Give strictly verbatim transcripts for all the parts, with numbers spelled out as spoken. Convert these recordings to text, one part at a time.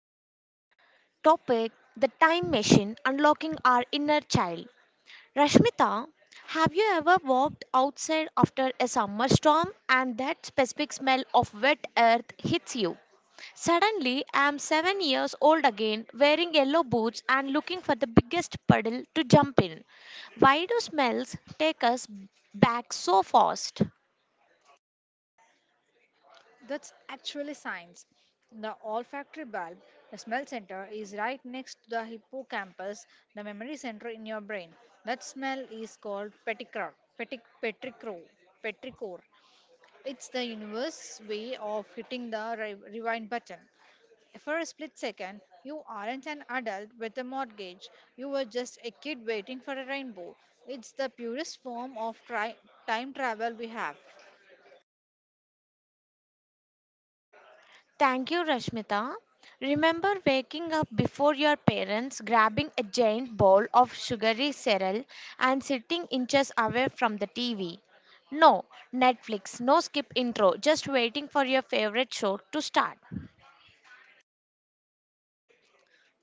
the topic The Time Machine Unlocking Our Inner Child. Rashmita, have you ever walked outside after a summer storm and that specific smell of wet earth hits you? Suddenly, I am seven years old again, wearing yellow boots and looking for the biggest puddle to jump in. Why do smells take us back so fast? That's actually science. The olfactory bulb, the smell center, is right next to the hippocampus, the memory center in your brain. That smell is called petrichor. Petic, petrichor. Petrichor. It's the universe way of hitting the re- rewind button. For a split second, you aren't an adult with a mortgage. You were just a kid waiting for a rainbow. It's the purest form of tri- time travel we have. Thank you, Rashmita. Remember waking up before your parents, grabbing a giant bowl of sugary cereal and sitting inches away from the T V. No Netflix, no skip intro, just waiting for your favorite show to start.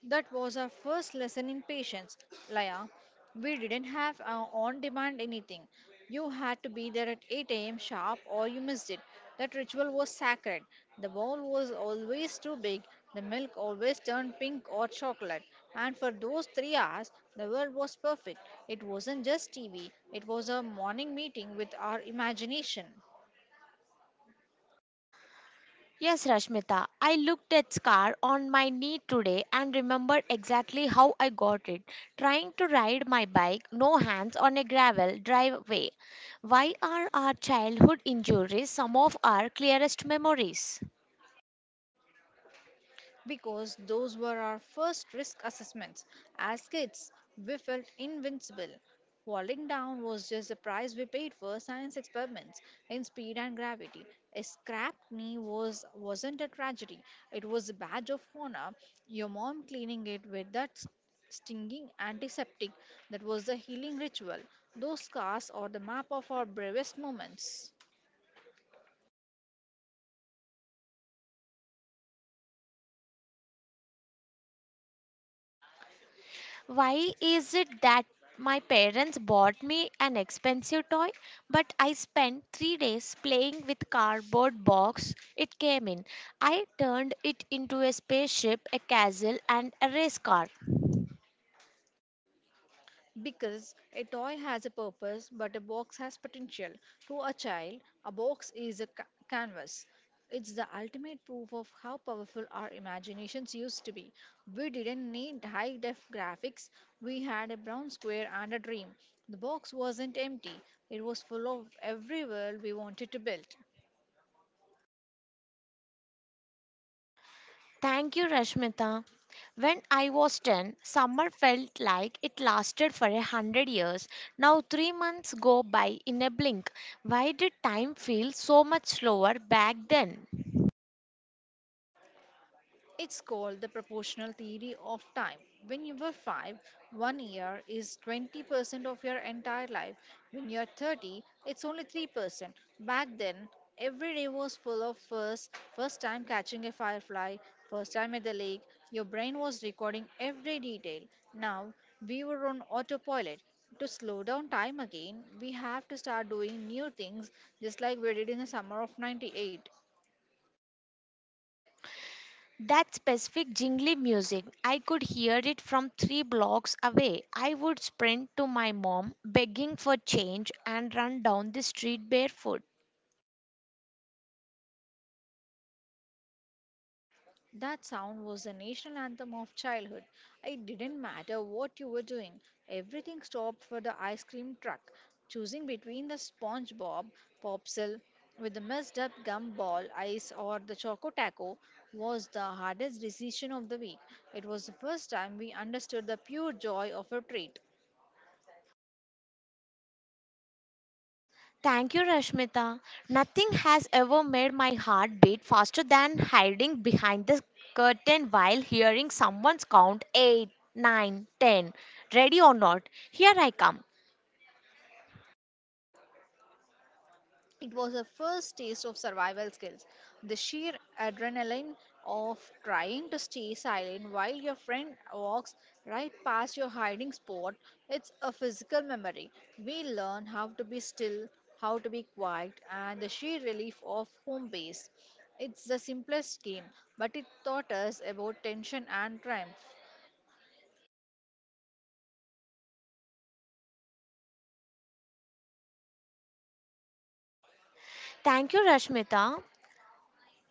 That was our first lesson in patience, Laya. We didn't have our on demand anything. You had to be there at eight a m sharp or you missed it. That ritual was sacred. The bowl was always too big, the milk always turned pink or chocolate. And for those three hours, the world was perfect. It wasn't just T V, it was a morning meeting with our imagination. Yes, Rashmita, I looked at scar on my knee today and remembered exactly how I got it. Trying to ride my bike, no hands on a gravel driveway. Why are our childhood injuries some of our clearest memories? Because those were our first risk assessments. As kids, we felt invincible. Falling down was just the price we paid for science experiments in speed and gravity. A scrapped knee was wasn't a tragedy. It was a badge of honor. Your mom cleaning it with that s- stinging antiseptic that was the healing ritual. Those scars are the map of our bravest moments. Why is it that my parents bought me an expensive toy, but I spent three days playing with cardboard box it came in. I turned it into a spaceship, a castle, and a race car. Because a toy has a purpose, but a box has potential. To a child, a box is a ca- canvas. It's the ultimate proof of how powerful our imaginations used to be. We didn't need high def graphics, we had a brown square and a dream. The box wasn't empty, it was full of every world we wanted to build. Thank you, Rashmita. When I was ten, summer felt like it lasted for a hundred years. Now, three months go by in a blink. Why did time feel so much slower back then? It's called the proportional theory of time. When you were five, one year is twenty percent of your entire life. When you're thirty, it's only three percent. Back then, every day was full of first, first time catching a firefly, first time at the lake. Your brain was recording every detail. Now, we were on autopilot. To slow down time again, we have to start doing new things just like we did in the summer of ninety-eight. That specific jingly music, I could hear it from three blocks away. I would sprint to my mom, begging for change, and run down the street barefoot. That sound was the national anthem of childhood. It didn't matter what you were doing, everything stopped for the ice cream truck. Choosing between the SpongeBob popsicle with the messed up gumball ice or the Choco Taco was the hardest decision of the week. It was the first time we understood the pure joy of a treat. Thank you, Rashmita. Nothing has ever made my heart beat faster than hiding behind the curtain while hearing someone's count eight, nine, ten. Ready or not, here I come. It was a first taste of survival skills. The sheer adrenaline of trying to stay silent while your friend walks right past your hiding spot, it's a physical memory. We learn how to be still, how to be quiet, and the sheer relief of home base. It's the simplest game, but it taught us about tension and triumph. Thank you, Rashmita.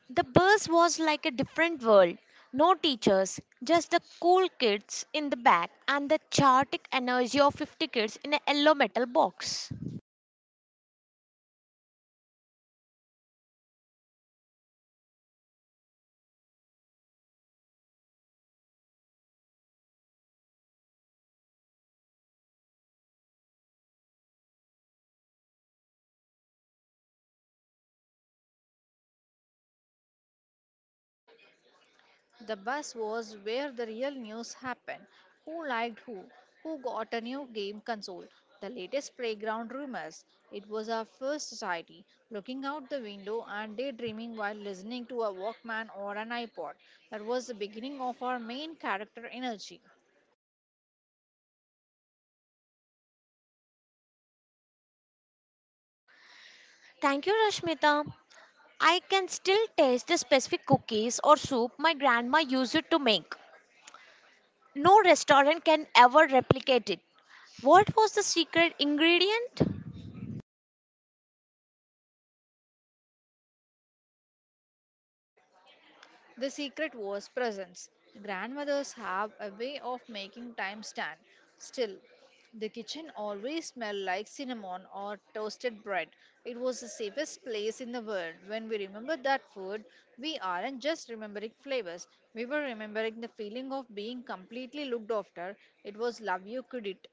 The bus was like a different world. No teachers, just the cool kids in the back and the chaotic energy of fifty kids in a yellow metal box. The bus was where the real news happened. Who liked who? Who got a new game console? The latest playground rumors. It was our first society, looking out the window and daydreaming while listening to a Walkman or an iPod. That was the beginning of our main character energy. Thank you, Rashmita. I can still taste the specific cookies or soup my grandma used it to make. No restaurant can ever replicate it. What was the secret ingredient? The secret was presence. Grandmothers have a way of making time stand still. The kitchen always smelled like cinnamon or toasted bread. It was the safest place in the world. When we remember that food, we aren't just remembering flavors. We were remembering the feeling of being completely looked after. It was love you could eat.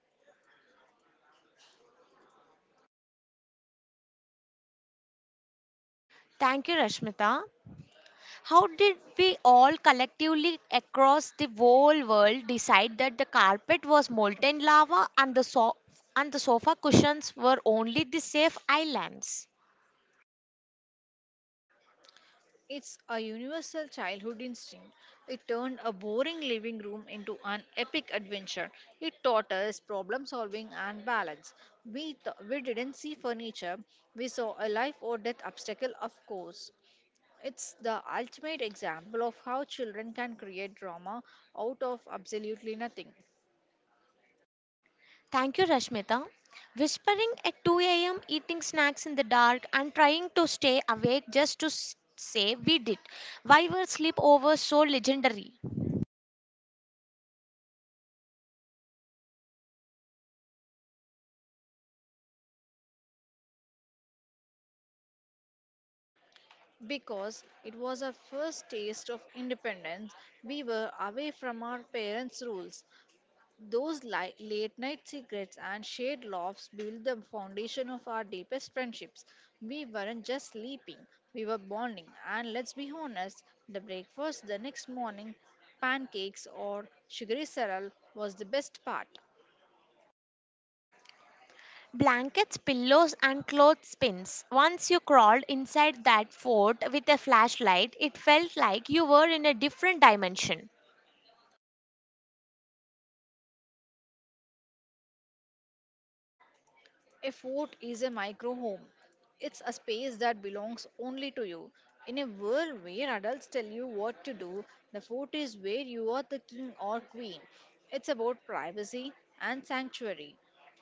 Thank you, Rashmita. How did we all collectively across the whole world decide that the carpet was molten lava and the so- and the sofa cushions were only the safe islands? It's a universal childhood instinct. It turned a boring living room into an epic adventure. It taught us problem solving and balance. We, th- we didn't see furniture, we saw a life or death obstacle, of course. It's the ultimate example of how children can create drama out of absolutely nothing. Thank you, Rashmita. Whispering at two a m, eating snacks in the dark, and trying to stay awake just to s- say we did. Why were sleepovers so legendary? Because it was our first taste of independence, we were away from our parents' rules. Those li- late night secrets and shared laughs built the foundation of our deepest friendships. We weren't just sleeping, we were bonding. And let's be honest, the breakfast the next morning, pancakes or sugary cereal, was the best part. Blankets, pillows, and clothespins. Once you crawled inside that fort with a flashlight, it felt like you were in a different dimension. A fort is a micro home. It's a space that belongs only to you. In a world where adults tell you what to do, the fort is where you are the king or queen. It's about privacy and sanctuary.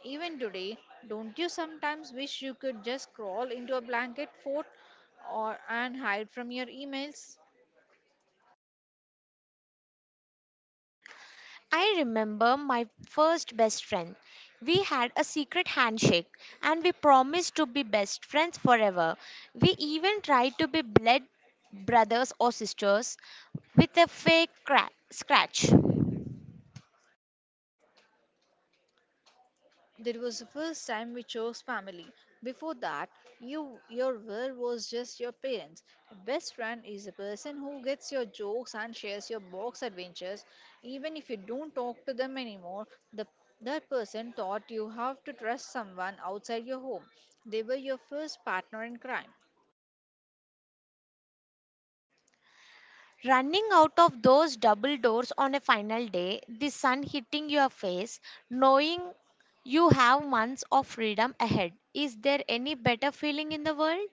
Even today, don't you sometimes wish you could just crawl into a blanket fort or and hide from your emails? I remember my first best friend. We had a secret handshake and we promised to be best friends forever. We even tried to be blood brothers or sisters with a fake cra- scratch. That was the first time we chose family. Before that, you your world was just your parents. A best friend is a person who gets your jokes and shares your box adventures. Even if you don't talk to them anymore, the that person taught you how to trust someone outside your home. They were your first partner in crime. Running out of those double doors on a final day, the sun hitting your face, knowing you have months of freedom ahead. Is there any better feeling in the world?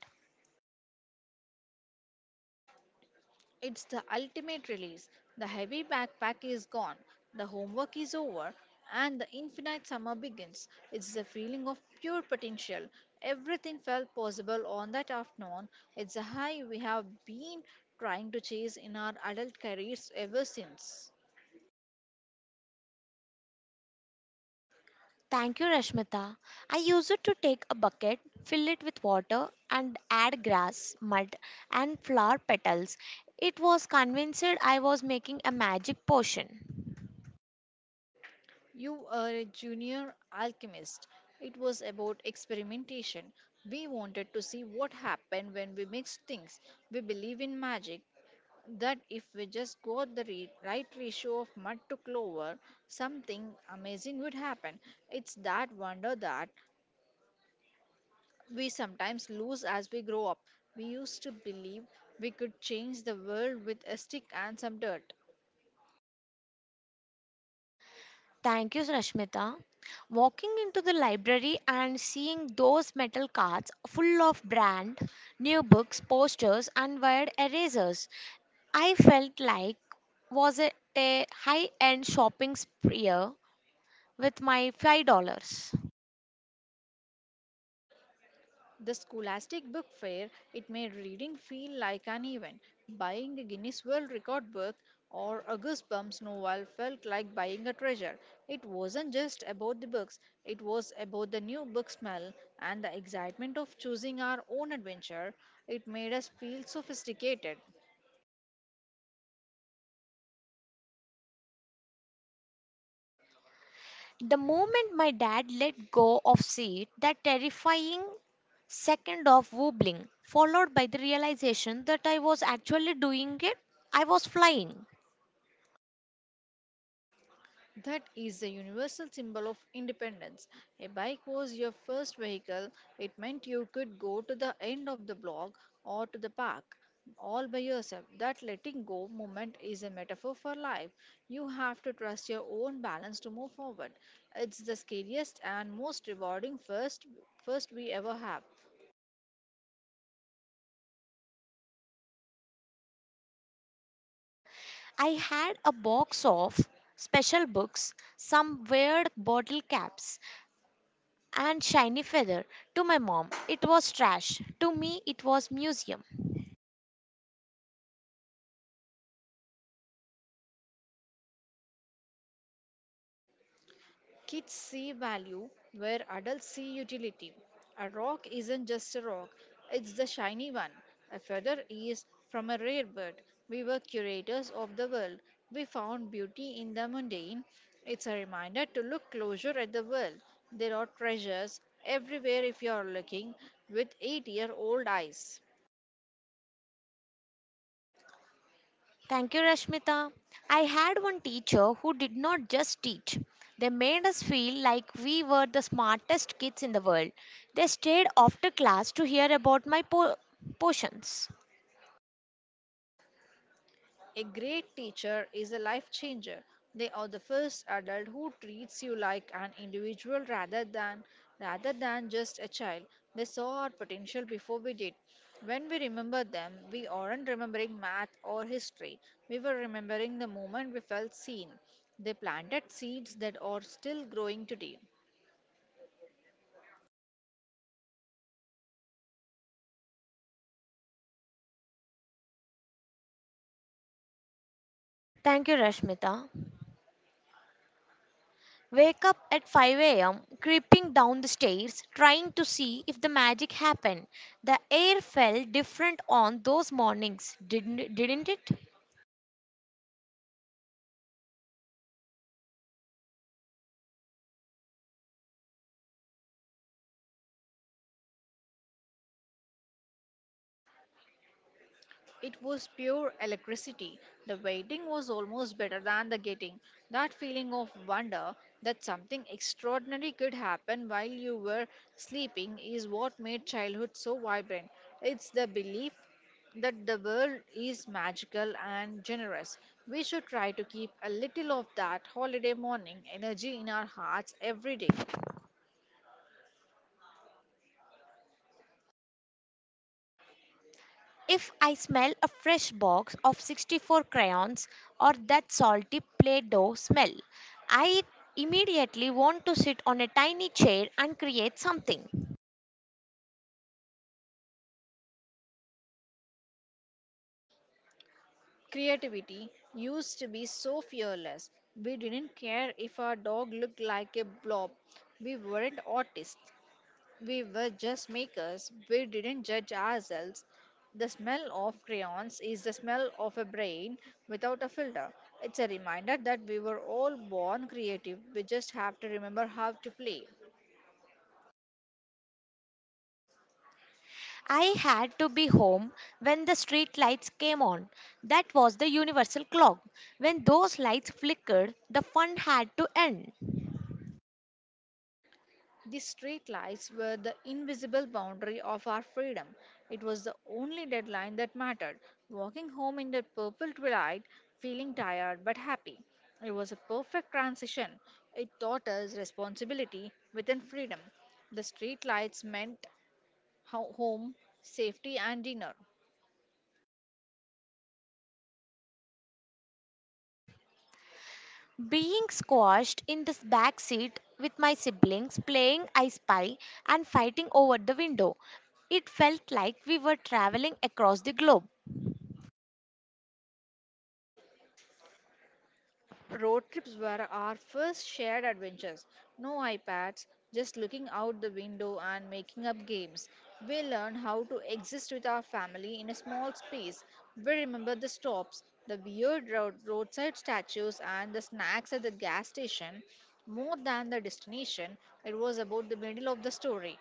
It's the ultimate release. The heavy backpack is gone, the homework is over, and the infinite summer begins. It's the feeling of pure potential. Everything felt possible on that afternoon. It's a high we have been trying to chase in our adult careers ever since. Thank you, Rashmita. I used to take a bucket, fill it with water, and add grass, mud, and flower petals. It was convinced I was making a magic potion. You are a junior alchemist. It was about experimentation. We wanted to see what happened when we mixed things. We believe in magic, that if we just got the re- right ratio of mud to clover, something amazing would happen. It's that wonder that we sometimes lose as we grow up. We used to believe we could change the world with a stick and some dirt. Thank you, Rashmita. Walking into the library and seeing those metal carts full of brand new books, posters, and wired erasers, I felt like was it a high-end shopping spree with my five dollars. The Scholastic Book Fair, it made reading feel like an event. Buying a Guinness World Record book or a Goosebumps novel felt like buying a treasure. It wasn't just about the books, it was about the new book smell and the excitement of choosing our own adventure. It made us feel sophisticated. The moment my dad let go of seat, that terrifying second of wobbling, followed by the realization that I was actually doing it, I was flying. That is the universal symbol of independence. A bike was your first vehicle. It meant you could go to the end of the block or to the park all by yourself. That letting go moment is a metaphor for life. You have to trust your own balance to move forward. It's the scariest and most rewarding first first we ever have. I had a box of special books, some weird bottle caps, and shiny feather. To my mom, it was trash. To me, it was museum. Kids see value where adults see utility. A rock isn't just a rock, it's the shiny one. A feather is from a rare bird. We were curators of the world. We found beauty in the mundane. It's a reminder to look closer at the world. There are treasures everywhere if you are looking with eight year old eyes. Thank you, Rashmita. I had one teacher who did not just teach. They made us feel like we were the smartest kids in the world. They stayed after class to hear about my po- potions. A great teacher is a life changer. They are the first adult who treats you like an individual rather than rather than just a child. They saw our potential before we did. When we remember them, we aren't remembering math or history. We were remembering the moment we felt seen. They planted seeds that are still growing today. Thank you, Rashmita. Wake up at five a m, creeping down the stairs, trying to see if the magic happened. The air felt different on those mornings, didn't, didn't it? It was pure electricity. The waiting was almost better than the getting. That feeling of wonder that something extraordinary could happen while you were sleeping is what made childhood so vibrant. It's the belief that the world is magical and generous. We should try to keep a little of that holiday morning energy in our hearts every day. If I smell a fresh box of sixty-four crayons or that salty Play Doh smell, I immediately want to sit on a tiny chair and create something. Creativity used to be so fearless. We didn't care if our dog looked like a blob. We weren't artists. We were just makers. We didn't judge ourselves. The smell of crayons is the smell of a brain without a filter. It's a reminder that we were all born creative. We just have to remember how to play. I had to be home when the street lights came on. That was the universal clock. When those lights flickered, the fun had to end. The street lights were the invisible boundary of our freedom. It was the only deadline that mattered. Walking home in the purple twilight, feeling tired but happy. It was a perfect transition. It taught us responsibility within freedom. The street lights meant ho- home, safety, and dinner. Being squashed in this back seat with my siblings, playing I Spy and fighting over the window. It felt like we were traveling across the globe. Road trips were our first shared adventures. No iPads, just looking out the window and making up games. We learned how to exist with our family in a small space. We remember the stops, the weird road- roadside statues, and the snacks at the gas station. More than the destination, it was about the middle of the story.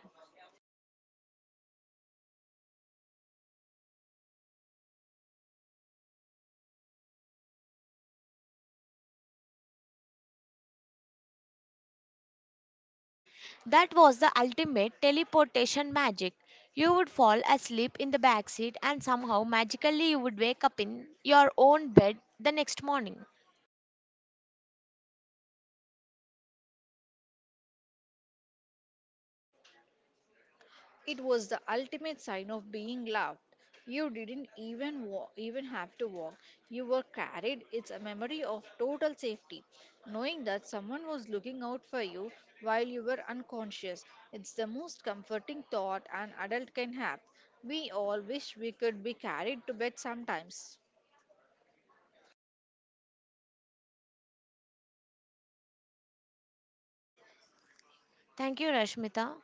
That was the ultimate teleportation magic. You would fall asleep in the back seat and somehow magically you would wake up in your own bed the next morning. It was the ultimate sign of being loved. You didn't even wa- even have to walk. You were carried. It's a memory of total safety, knowing that someone was looking out for you while you were unconscious. It's the most comforting thought an adult can have. We all wish we could be carried to bed sometimes. Thank you, Rashmita.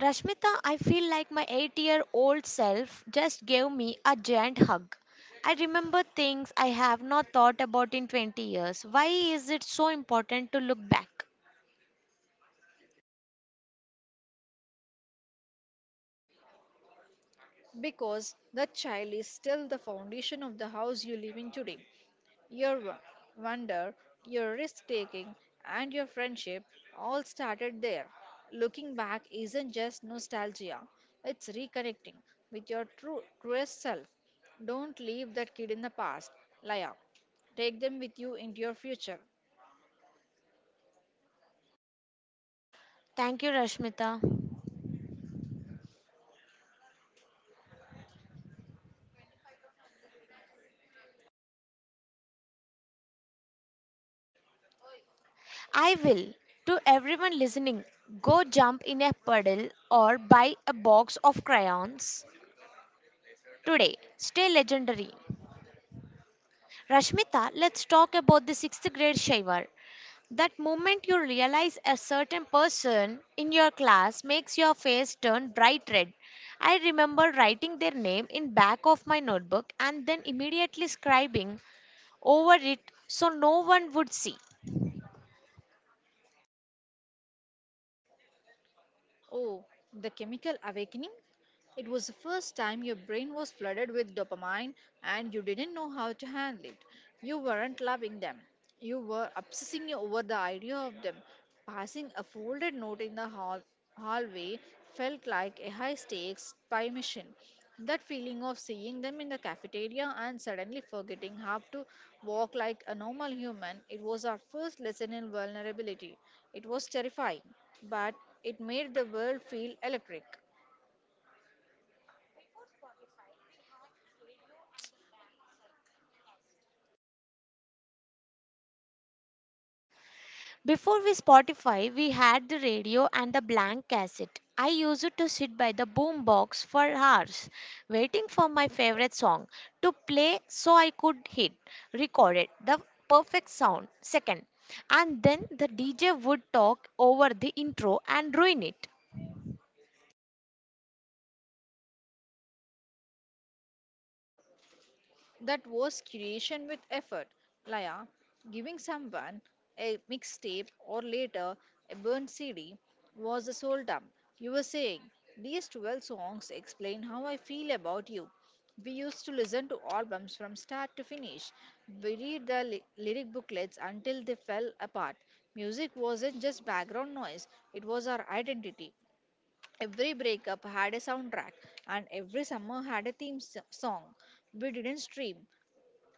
Rashmita, I feel like my eight year old self just gave me a giant hug. I remember things I have not thought about in twenty years. Why is it so important to look back? Because the child is still the foundation of the house you live in today. Your wo- wonder, your risk taking, and your friendship all started there. Looking back isn't just nostalgia, it's reconnecting with your true, truest self. Don't leave that kid in the past, Laya. Take them with you into your future. Thank you, Rashmita. I will. To everyone listening, go jump in a puddle or buy a box of crayons today. Stay legendary. Rashmita, let's talk about the sixth grade Shaivar. That moment you realize a certain person in your class makes your face turn bright red. I remember writing their name in back of my notebook and then immediately scribbling over it so no one would see. Oh, the chemical awakening? It was the first time your brain was flooded with dopamine and you didn't know how to handle it. You weren't loving them. You were obsessing over the idea of them. Passing a folded note in the hall- hallway felt like a high stakes spy mission. That feeling of seeing them in the cafeteria and suddenly forgetting how to walk like a normal human, it was our first lesson in vulnerability. It was terrifying, but it made the world feel electric. Before we Spotify, we had the radio and the blank cassette. I used to sit by the boombox for hours, waiting for my favorite song to play so I could hit record it, the perfect sound. Second, and then the D J would talk over the intro and ruin it. That was creation with effort. Laya, giving someone a mixtape or later a burnt C D was the soul dump. You were saying, These twelve songs explain how I feel about you. We used to listen to albums from start to finish. We read the ly- lyric booklets until they fell apart. Music wasn't just background noise, it was our identity. Every breakup had a soundtrack, and every summer had a theme s- song. We didn't stream,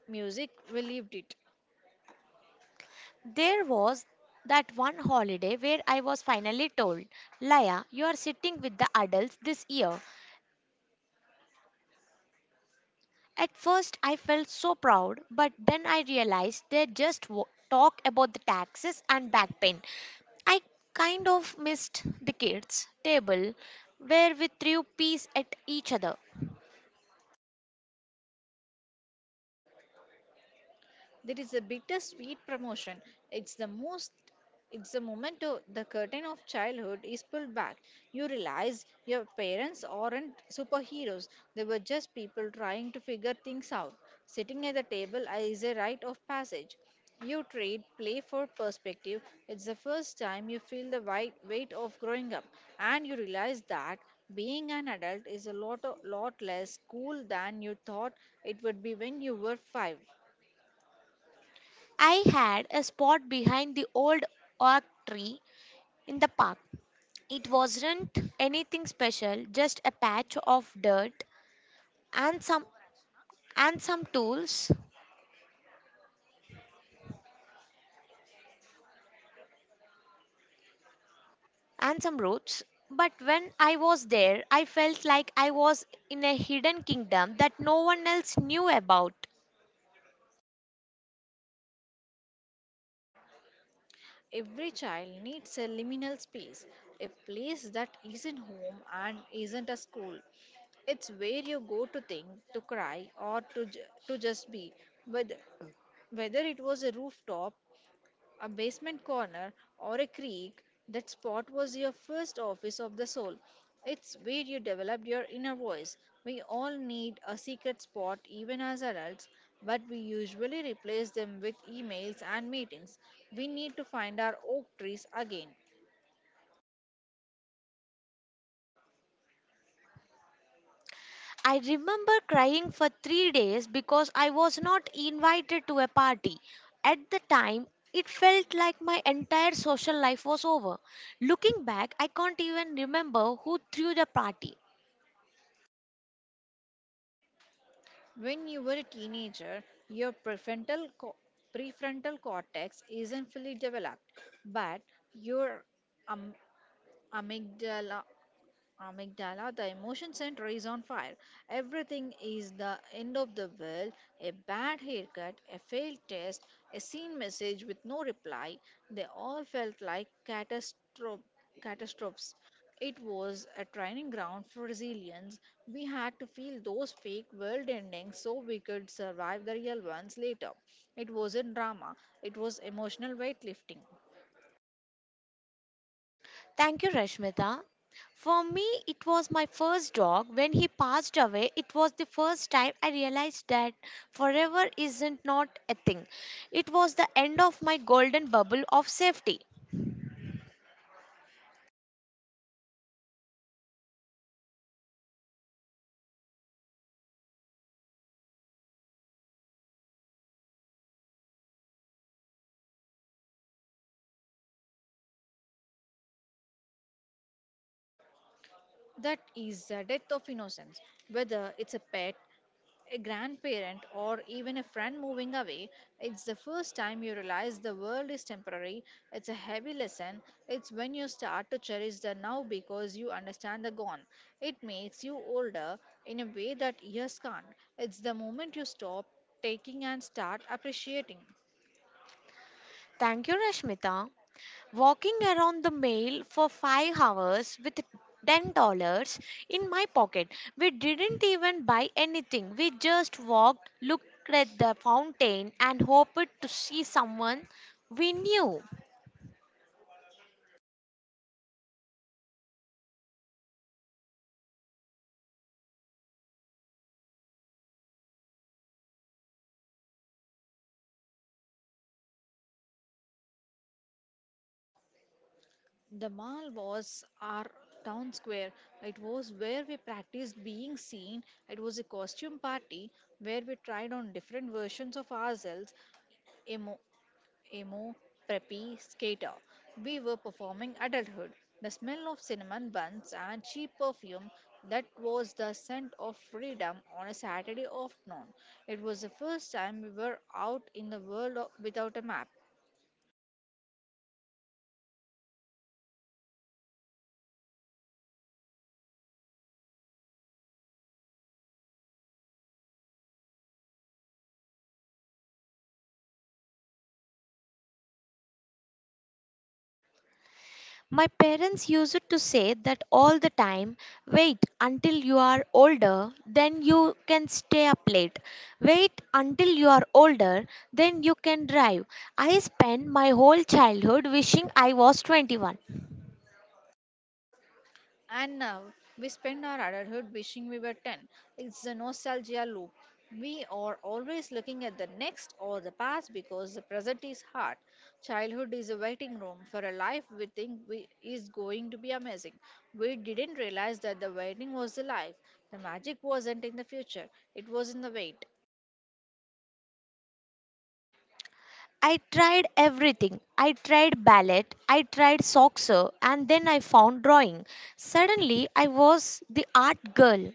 music relieved it. There was that one holiday where I was finally told, Laya, you are sitting with the adults this year. At first, I felt so proud, but then I realized they just w- talk about the taxes and back pain. I kind of missed the kids' table where we threw peas at each other. There is a bittersweet promotion. It's the most it's the moment o- the curtain of childhood is pulled back. You realize your parents aren't superheroes. They were just people trying to figure things out. Sitting at the table is a rite of passage. You trade play for perspective. It's the first time you feel the wide weight of growing up, and you realize that being an adult is a lot, o- lot less cool than you thought it would be when you were five. I had a spot behind the old oak tree in the park. It wasn't anything special, just a patch of dirt and some and some tools and some roads. But when I was there, I felt like I was in a hidden kingdom that no one else knew about. Every child needs a liminal space, a place that isn't home and isn't a school. It's where you go to think, to cry, or to, ju- to just be. Whether, whether it was a rooftop a basement corner, or a creek, that spot was your first office of the soul. It's where you developed your inner voice. We all need a secret spot, even as adults, but we usually replace them with emails and meetings. We need to find our oak trees again. I remember crying for three days because I was not invited to a party. At the time, it felt like my entire social life was over. Looking back, I can't even remember who threw the party. When you were a teenager, your prefrontal, co- prefrontal cortex isn't fully developed, but your am- amygdala amygdala, the emotion center is on fire. Everything is the end of the world. A bad haircut, a failed test, a seen message with no reply. They all felt like catastrophe, catastrophes. It was a training ground for resilience. We had to feel those fake world endings so we could survive the real ones later. It wasn't drama, it was emotional weightlifting. Thank you, Rashmita. For me, it was my first dog. When he passed away, it was the first time I realized that forever isn't not a thing. It was the end of my golden bubble of safety. That is the death of innocence. Whether it's a pet, a grandparent, or even a friend moving away, it's the first time you realize the world is temporary. It's a heavy lesson. It's when you start to cherish the now because you understand the gone. It makes you older in a way that years can't. It's the moment you stop taking and start appreciating. Thank you, Rashmita. Walking around the mail for five hours with ten dollars in my pocket. We didn't even buy anything. We just walked, looked at the fountain, and hoped to see someone we knew. The mall was our town square. It was where we practiced being seen. It was a costume party where we tried on different versions of ourselves emo, emo, preppy, skater. We were performing adulthood. The smell of cinnamon buns and cheap perfume that was the scent of freedom on a Saturday afternoon. It was the first time we were out in the world o- without a map. My parents used to say that all the time wait until you are older, then you can stay up late. Wait until you are older, then you can drive. I spent my whole childhood wishing I was twenty-one. And now we spend our adulthood wishing we were ten. It's a nostalgia loop. We are always looking at the next or the past because the present is hard. Childhood is a waiting room for a life we think we is going to be amazing. We didn't realize that the waiting was the life. The magic wasn't in the future, it was in the wait. I tried everything. I tried ballet, I tried soccer, and then I found drawing. Suddenly, I was the art girl.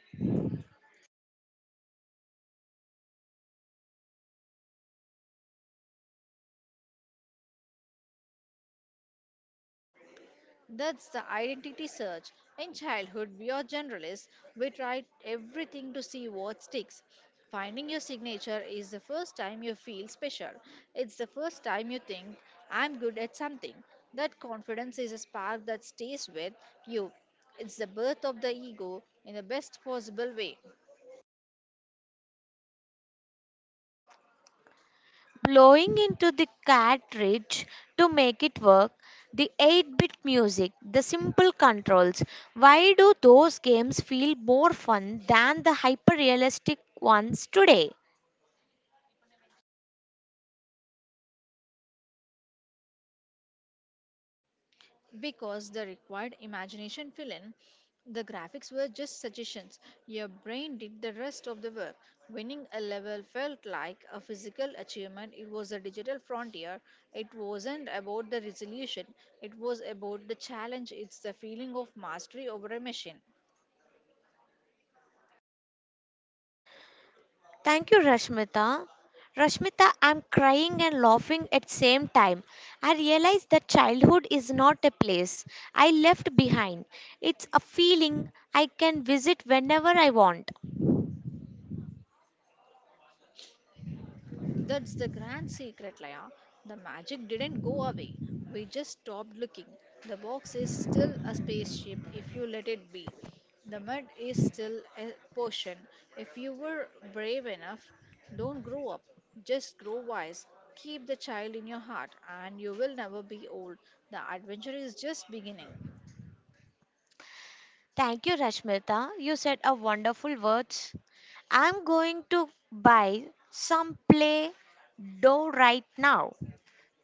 That's the identity search. In childhood, we are generalists. We try everything to see what sticks. Finding your signature is the first time you feel special. It's the first time you think, I'm good at something. That confidence is a spark that stays with you. It's the birth of the ego in the best possible way. Blowing into the cartridge to make it work, the eight bit music, the simple controls. Why do those games feel more fun than the hyper realistic ones today? Because the required imagination fill in. The graphics were just suggestions. Your brain did the rest of the work. Winning a level felt like a physical achievement. It was a digital frontier. It wasn't about the resolution, it was about the challenge. It's the feeling of mastery over a machine. Thank you, Rashmita. Rashmita, I'm crying and laughing at same time. I realize that childhood is not a place I left behind. It's a feeling I can visit whenever I want. That's the grand secret, Laya. The magic didn't go away. We just stopped looking. The box is still a spaceship if you let it be. The mud is still a potion. If you were brave enough, don't grow up. Just grow wise. Keep the child in your heart, and you will never be old. The adventure is just beginning. Thank you, Rashmita. You said a wonderful words. I'm going to buy some play dough right now.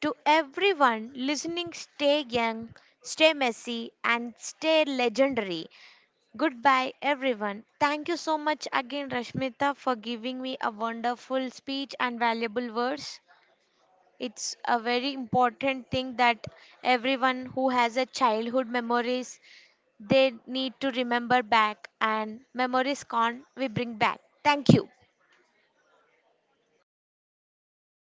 To everyone listening, stay young, stay messy, and stay legendary. Goodbye, everyone. Thank you so much again, Rashmita, for giving me a wonderful speech and valuable words. It's a very important thing that everyone who has a childhood memories they need to remember back and memories can't we bring back. Thank you.